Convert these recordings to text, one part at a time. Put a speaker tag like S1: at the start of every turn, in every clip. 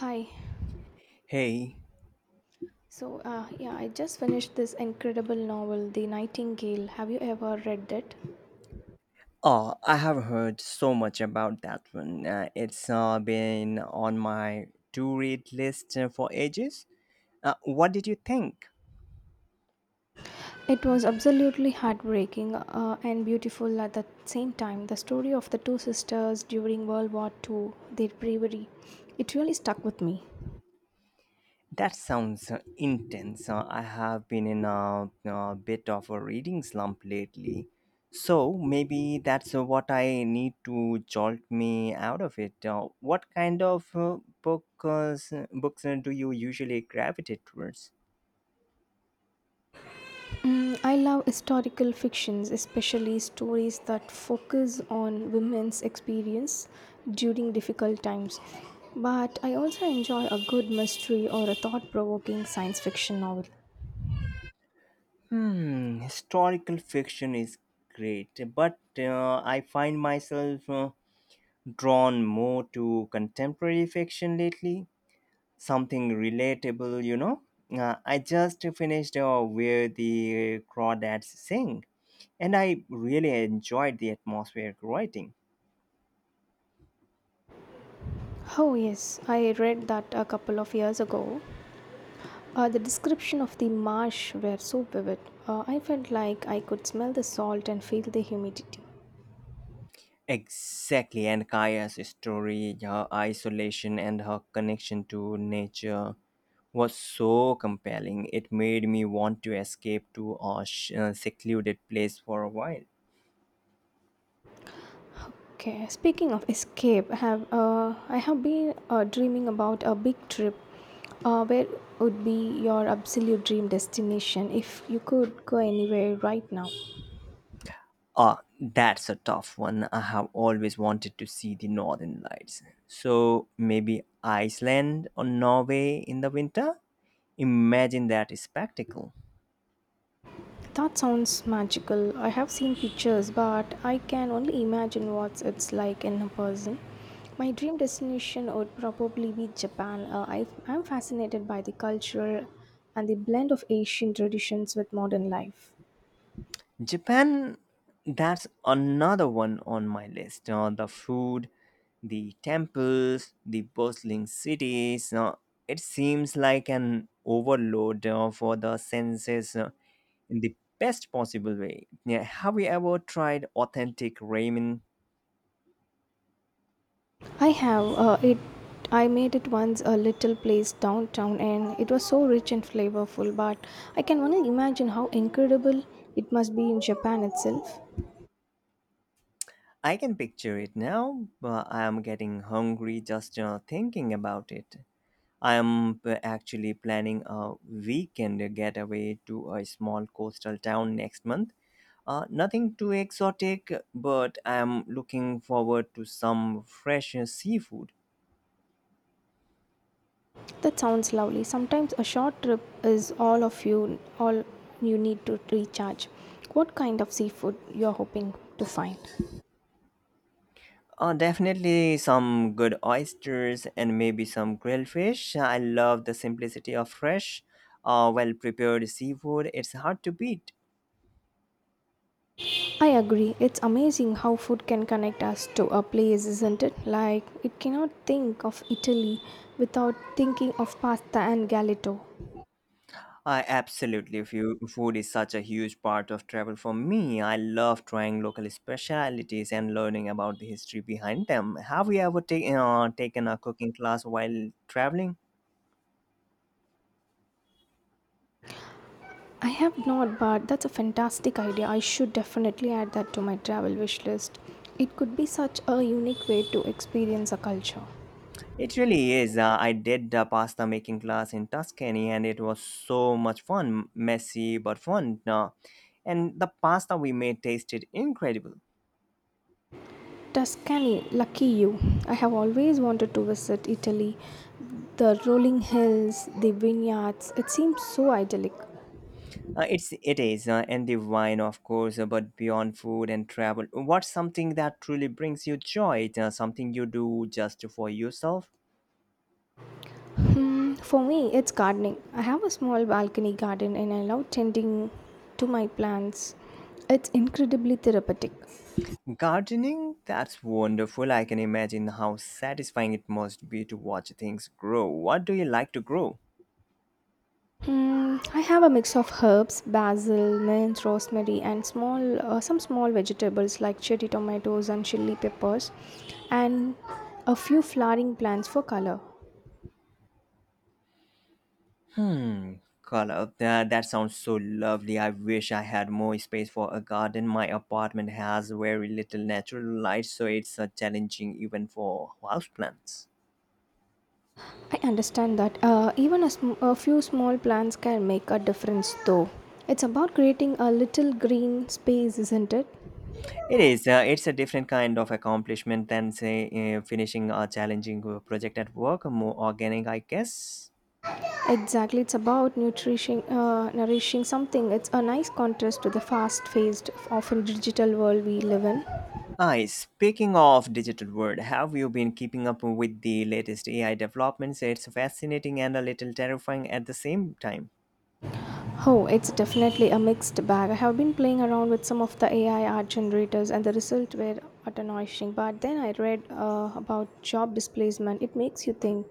S1: Hi.
S2: Hey,
S1: So, I just finished this incredible novel, The Nightingale. Have you ever read it?
S2: I have heard so much about that one. It's been on my to read list for ages. What did you think?
S1: It was absolutely heartbreaking and beautiful at the same time. The story of the two sisters during World War II, their bravery, it really stuck with me.
S2: That sounds intense. I have been in a bit of a reading slump lately. So maybe that's what I need to jolt me out of it. What kind of books do you usually gravitate towards?
S1: Mm, I love historical fictions, especially stories that focus on women's experience during difficult times. But I also enjoy a good mystery or a thought provoking science fiction novel.
S2: Hmm, historical fiction is great, but I find myself drawn more to contemporary fiction lately. Something relatable, you know. I just finished Where the Crawdads Sing, and I really enjoyed the atmospheric writing.
S1: Oh, yes, I read that a couple of years ago. The description of the marsh were so vivid. I felt like I could smell the salt and feel the humidity.
S2: Exactly, and Kaya's story, her isolation, and her connection to nature was so compelling. It made me want to escape to a secluded place for a while.
S1: Okay, speaking of escape, I have been dreaming about a big trip. Where would be your absolute dream destination if you could go anywhere right now?
S2: Ah, that's a tough one. I have always wanted to see the northern lights. So maybe Iceland or Norway in the winter? Imagine that spectacle.
S1: That sounds magical. I have seen pictures, but I can only imagine what it's like in person. My dream destination would probably be Japan. I'm fascinated by the culture and the blend of Asian traditions with modern life.
S2: Japan, that's another one on my list. The food, the temples, the bustling cities. It seems like an overload for the senses in the best possible way. Yeah, have you ever tried authentic ramen?
S1: I have it. I made it once a little place downtown, and it was so rich and flavorful. But I can only imagine how incredible it must be in Japan itself.
S2: I can picture it now, but I'm getting hungry just thinking about it. Actually planning a weekend getaway to a small coastal town next month. Nothing too exotic, but I'm looking forward to some fresh seafood.
S1: That sounds lovely. Sometimes a short trip is all of you need to recharge. What kind of seafood you're hoping to find?
S2: Definitely some good oysters and maybe some grilled fish. I love the simplicity of fresh, well prepared seafood. It's hard to beat.
S1: I agree. It's amazing how food can connect us to a place, isn't it? Like it cannot think of Italy without thinking of pasta and galletto.
S2: Food is such a huge part of travel for me. I love trying local specialities and learning about the history behind them. Have you ever taken a cooking class while traveling?
S1: I have not, but that's a fantastic idea. I should definitely add that to my travel wish list. It could be such a unique way to experience a culture.
S2: It really is. I did a pasta making class in Tuscany and it was so much fun. Messy but fun. And the pasta we made tasted incredible.
S1: Tuscany, lucky you. I have always wanted to visit Italy. The rolling hills, the vineyards, it seems so idyllic.
S2: It is, and the wine, of course, but beyond food and travel, what's something that truly brings you joy? Something you do just for yourself?
S1: Hmm, for me, it's gardening. I have a small balcony garden and I love tending to my plants. It's incredibly therapeutic.
S2: Gardening? That's wonderful. I can imagine how satisfying it must be to watch things grow. What do you like to grow?
S1: Mm, I have a mix of herbs, basil, mint, rosemary, and small some small vegetables like cherry tomatoes and chili peppers, and a few flowering plants for color.
S2: Hmm, color. That sounds so lovely. I wish I had more space for a garden. My apartment has very little natural light, so it's challenging even for houseplants.
S1: I understand that. Even a few small plants can make a difference, though. It's about creating a little green space, isn't it?
S2: It is. It's a different kind of accomplishment than, say, finishing a challenging project at work. More organic, I guess.
S1: Exactly, it's about nourishing something. It's a nice contrast to the fast-paced, often digital world we live in.
S2: Hi. Speaking of digital world, have you been keeping up with the latest AI developments? It's fascinating and a little terrifying at the same time.
S1: Oh, it's definitely a mixed bag. I have been playing around with some of the AI art generators, and the results were astonishing. But then I read about job displacement. It makes you think.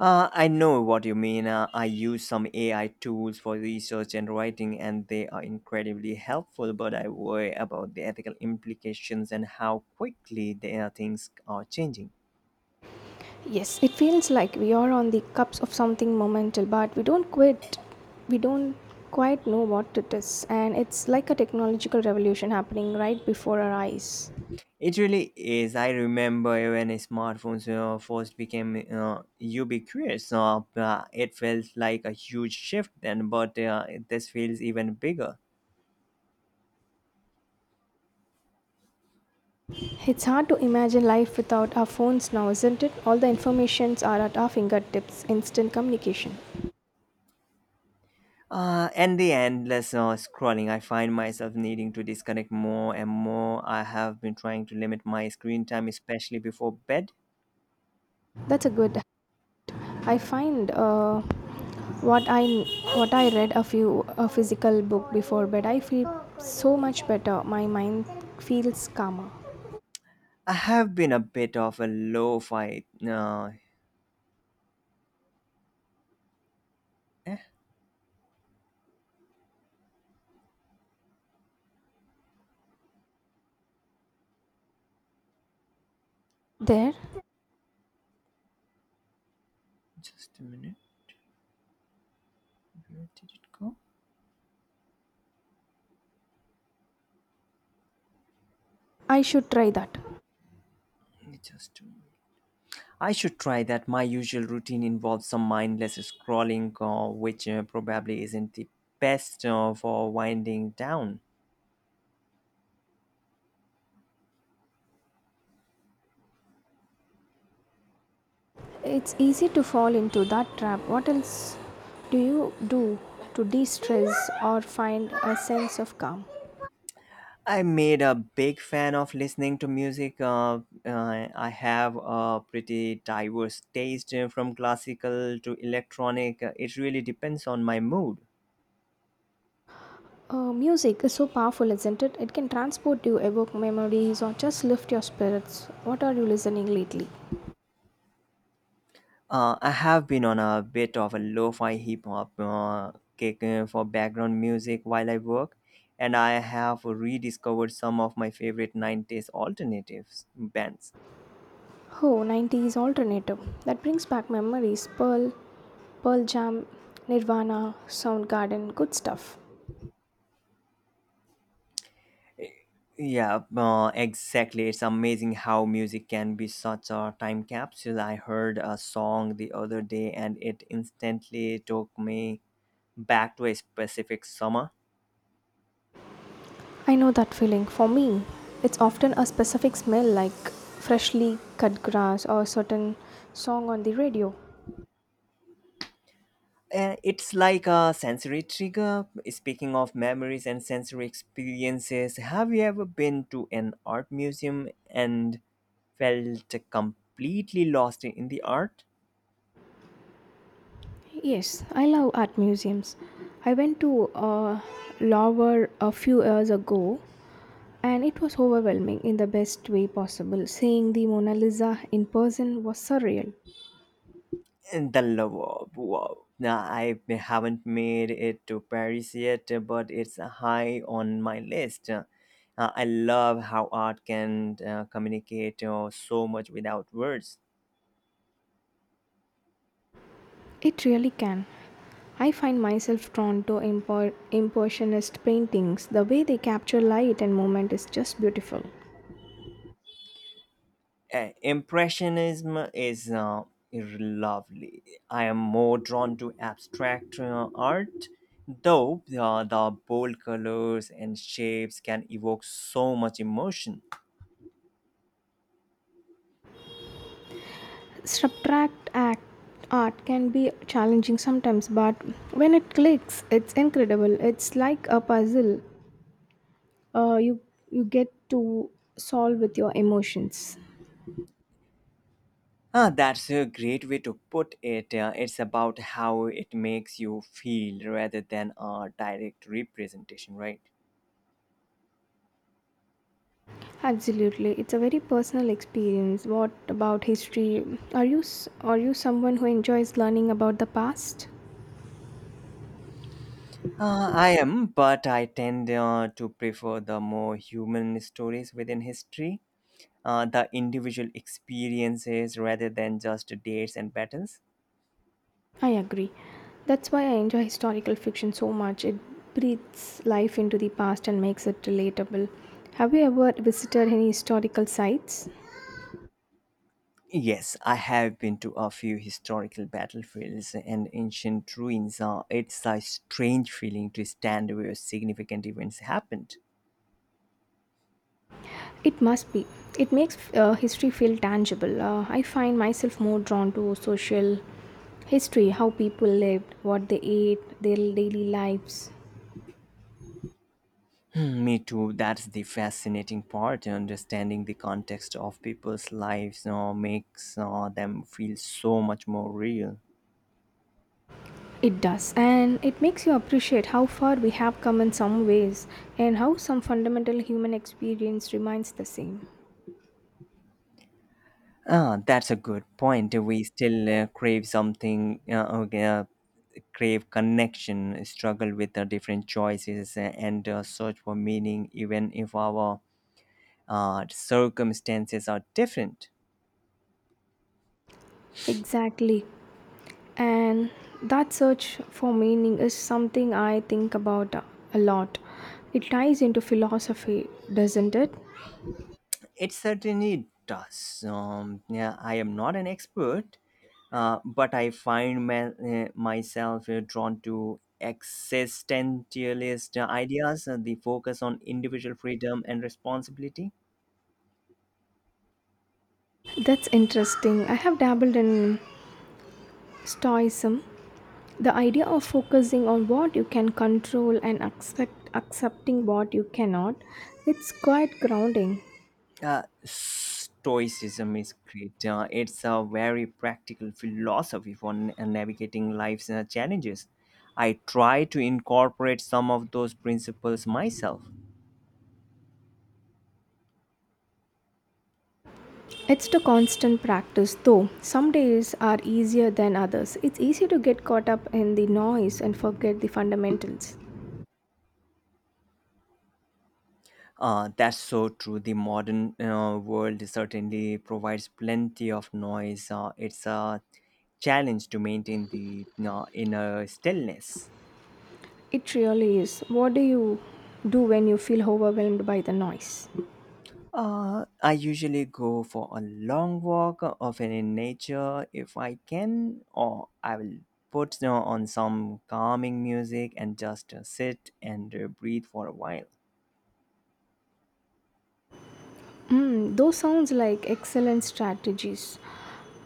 S2: I know what you mean. I use some AI tools for research and writing, and they are incredibly helpful. But I worry about the ethical implications and how quickly the things are changing.
S1: Yes, it feels like we are on the cusp of something monumental, but We don't quite know what it is, and it's like a technological revolution happening right before our eyes.
S2: It really is. I remember when smartphones first became ubiquitous. It felt like a huge shift then, but this feels even bigger.
S1: It's hard to imagine life without our phones now, isn't it? All the informations are at our fingertips, instant communication.
S2: And the endless scrolling, I find myself needing to disconnect more and more. I have been trying to limit my screen time, especially before bed.
S1: That's a good I find what I what I read a few a physical book before bed. I feel so much better. My mind feels calmer.
S2: I have been a bit of a low fi. Eh,
S1: There,
S2: just a minute. Where did it go?
S1: I should try that.
S2: Just a minute. I should try that. My usual routine involves some mindless scrolling, which probably isn't the best for winding down.
S1: It's easy to fall into that trap. What else do you do to de-stress or find a sense of calm?
S2: I made a big fan of listening to music. I have a pretty diverse taste from classical to electronic. It really depends on my mood.
S1: Music is so powerful, isn't it? It can transport you, evoke memories, or just lift your spirits. What are you listening lately?
S2: I have been on a bit of a lo-fi hip hop kick for background music while I work, and I have rediscovered some of my favorite 90s alternatives bands.
S1: Oh, 90s alternative. That brings back memories. Pearl Jam, Nirvana, Soundgarden, good stuff.
S2: Yeah, exactly. It's amazing how music can be such a time capsule. I heard a song the other day and it instantly took me back to a specific summer.
S1: I know that feeling. For me, it's often a specific smell like freshly cut grass or a certain song on the radio.
S2: It's like a sensory trigger. Speaking of memories and sensory experiences, have you ever been to an art museum and felt completely lost in the art?
S1: Yes, I love art museums. I went to Louvre a few years ago and it was overwhelming in the best way possible. Seeing the Mona Lisa in person was surreal.
S2: And the love of wow. Now, I haven't made it to Paris yet, but it's high on my list. I love how art can communicate so much without words.
S1: It really can. I find myself drawn to impressionist paintings. The way they capture light and movement is just beautiful.
S2: Impressionism is lovely. I am more drawn to abstract art, though the bold colors and shapes can evoke so much emotion.
S1: Subtract act art can be challenging sometimes, but when it clicks, it's incredible. It's like a puzzle. Uh, you you get to solve with your emotions.
S2: Ah, that's a great way to put it. It's about how it makes you feel rather than a direct representation, right?
S1: Absolutely, it's a very personal experience. What about history? Are you someone who enjoys learning about the past?
S2: I am, but I tend to prefer the more human stories within history, the individual experiences rather than just dates and battles?
S1: I agree. That's why I enjoy historical fiction so much. It breathes life into the past and makes it relatable. Have you ever visited any historical sites?
S2: Yes, I have been to a few historical battlefields and ancient ruins. It's a strange feeling to stand where significant events happened.
S1: It must be. It makes history feel tangible. I find myself more drawn to social history, how people lived, what they ate, their daily lives.
S2: Me too. That's the fascinating part. Understanding the context of people's lives makes them feel so much more real.
S1: It does, and it makes you appreciate how far we have come in some ways and how some fundamental human experience remains the same.
S2: Ah, that's a good point. We still crave something, okay, crave connection, struggle with different choices, and search for meaning, even if our circumstances are different.
S1: Exactly. And that search for meaning is something I think about a lot. It ties into philosophy, doesn't it?
S2: It certainly does. Yeah, I am not an expert, but I find myself drawn to existentialist ideas, the focus on individual freedom and responsibility.
S1: That's interesting. I have dabbled in Stoicism, the idea of focusing on what you can control and accept, accepting what you cannot. It's quite grounding.
S2: Stoicism is great. It's a very practical philosophy for navigating life's challenges. I try to incorporate some of those principles myself.
S1: It's the constant practice, though. Some days are easier than others. It's easy to get caught up in the noise and forget the fundamentals.
S2: That's so true. The modern world certainly provides plenty of noise. It's a challenge to maintain the inner stillness.
S1: It really is. What do you do when you feel overwhelmed by the noise?
S2: I usually go for a long walk, often in nature if I can, or I will put, you know, on some calming music and just sit and breathe for a while.
S1: Mm, those sounds like excellent strategies.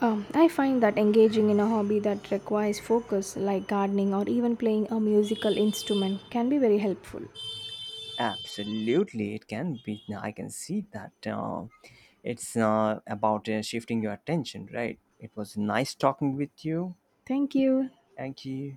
S1: I find that engaging in a hobby that requires focus, like gardening or even playing a musical instrument, can be very helpful.
S2: Absolutely, it can be. I can see that. It's about shifting your attention, right? It was nice talking with you.
S1: Thank you.
S2: Thank you.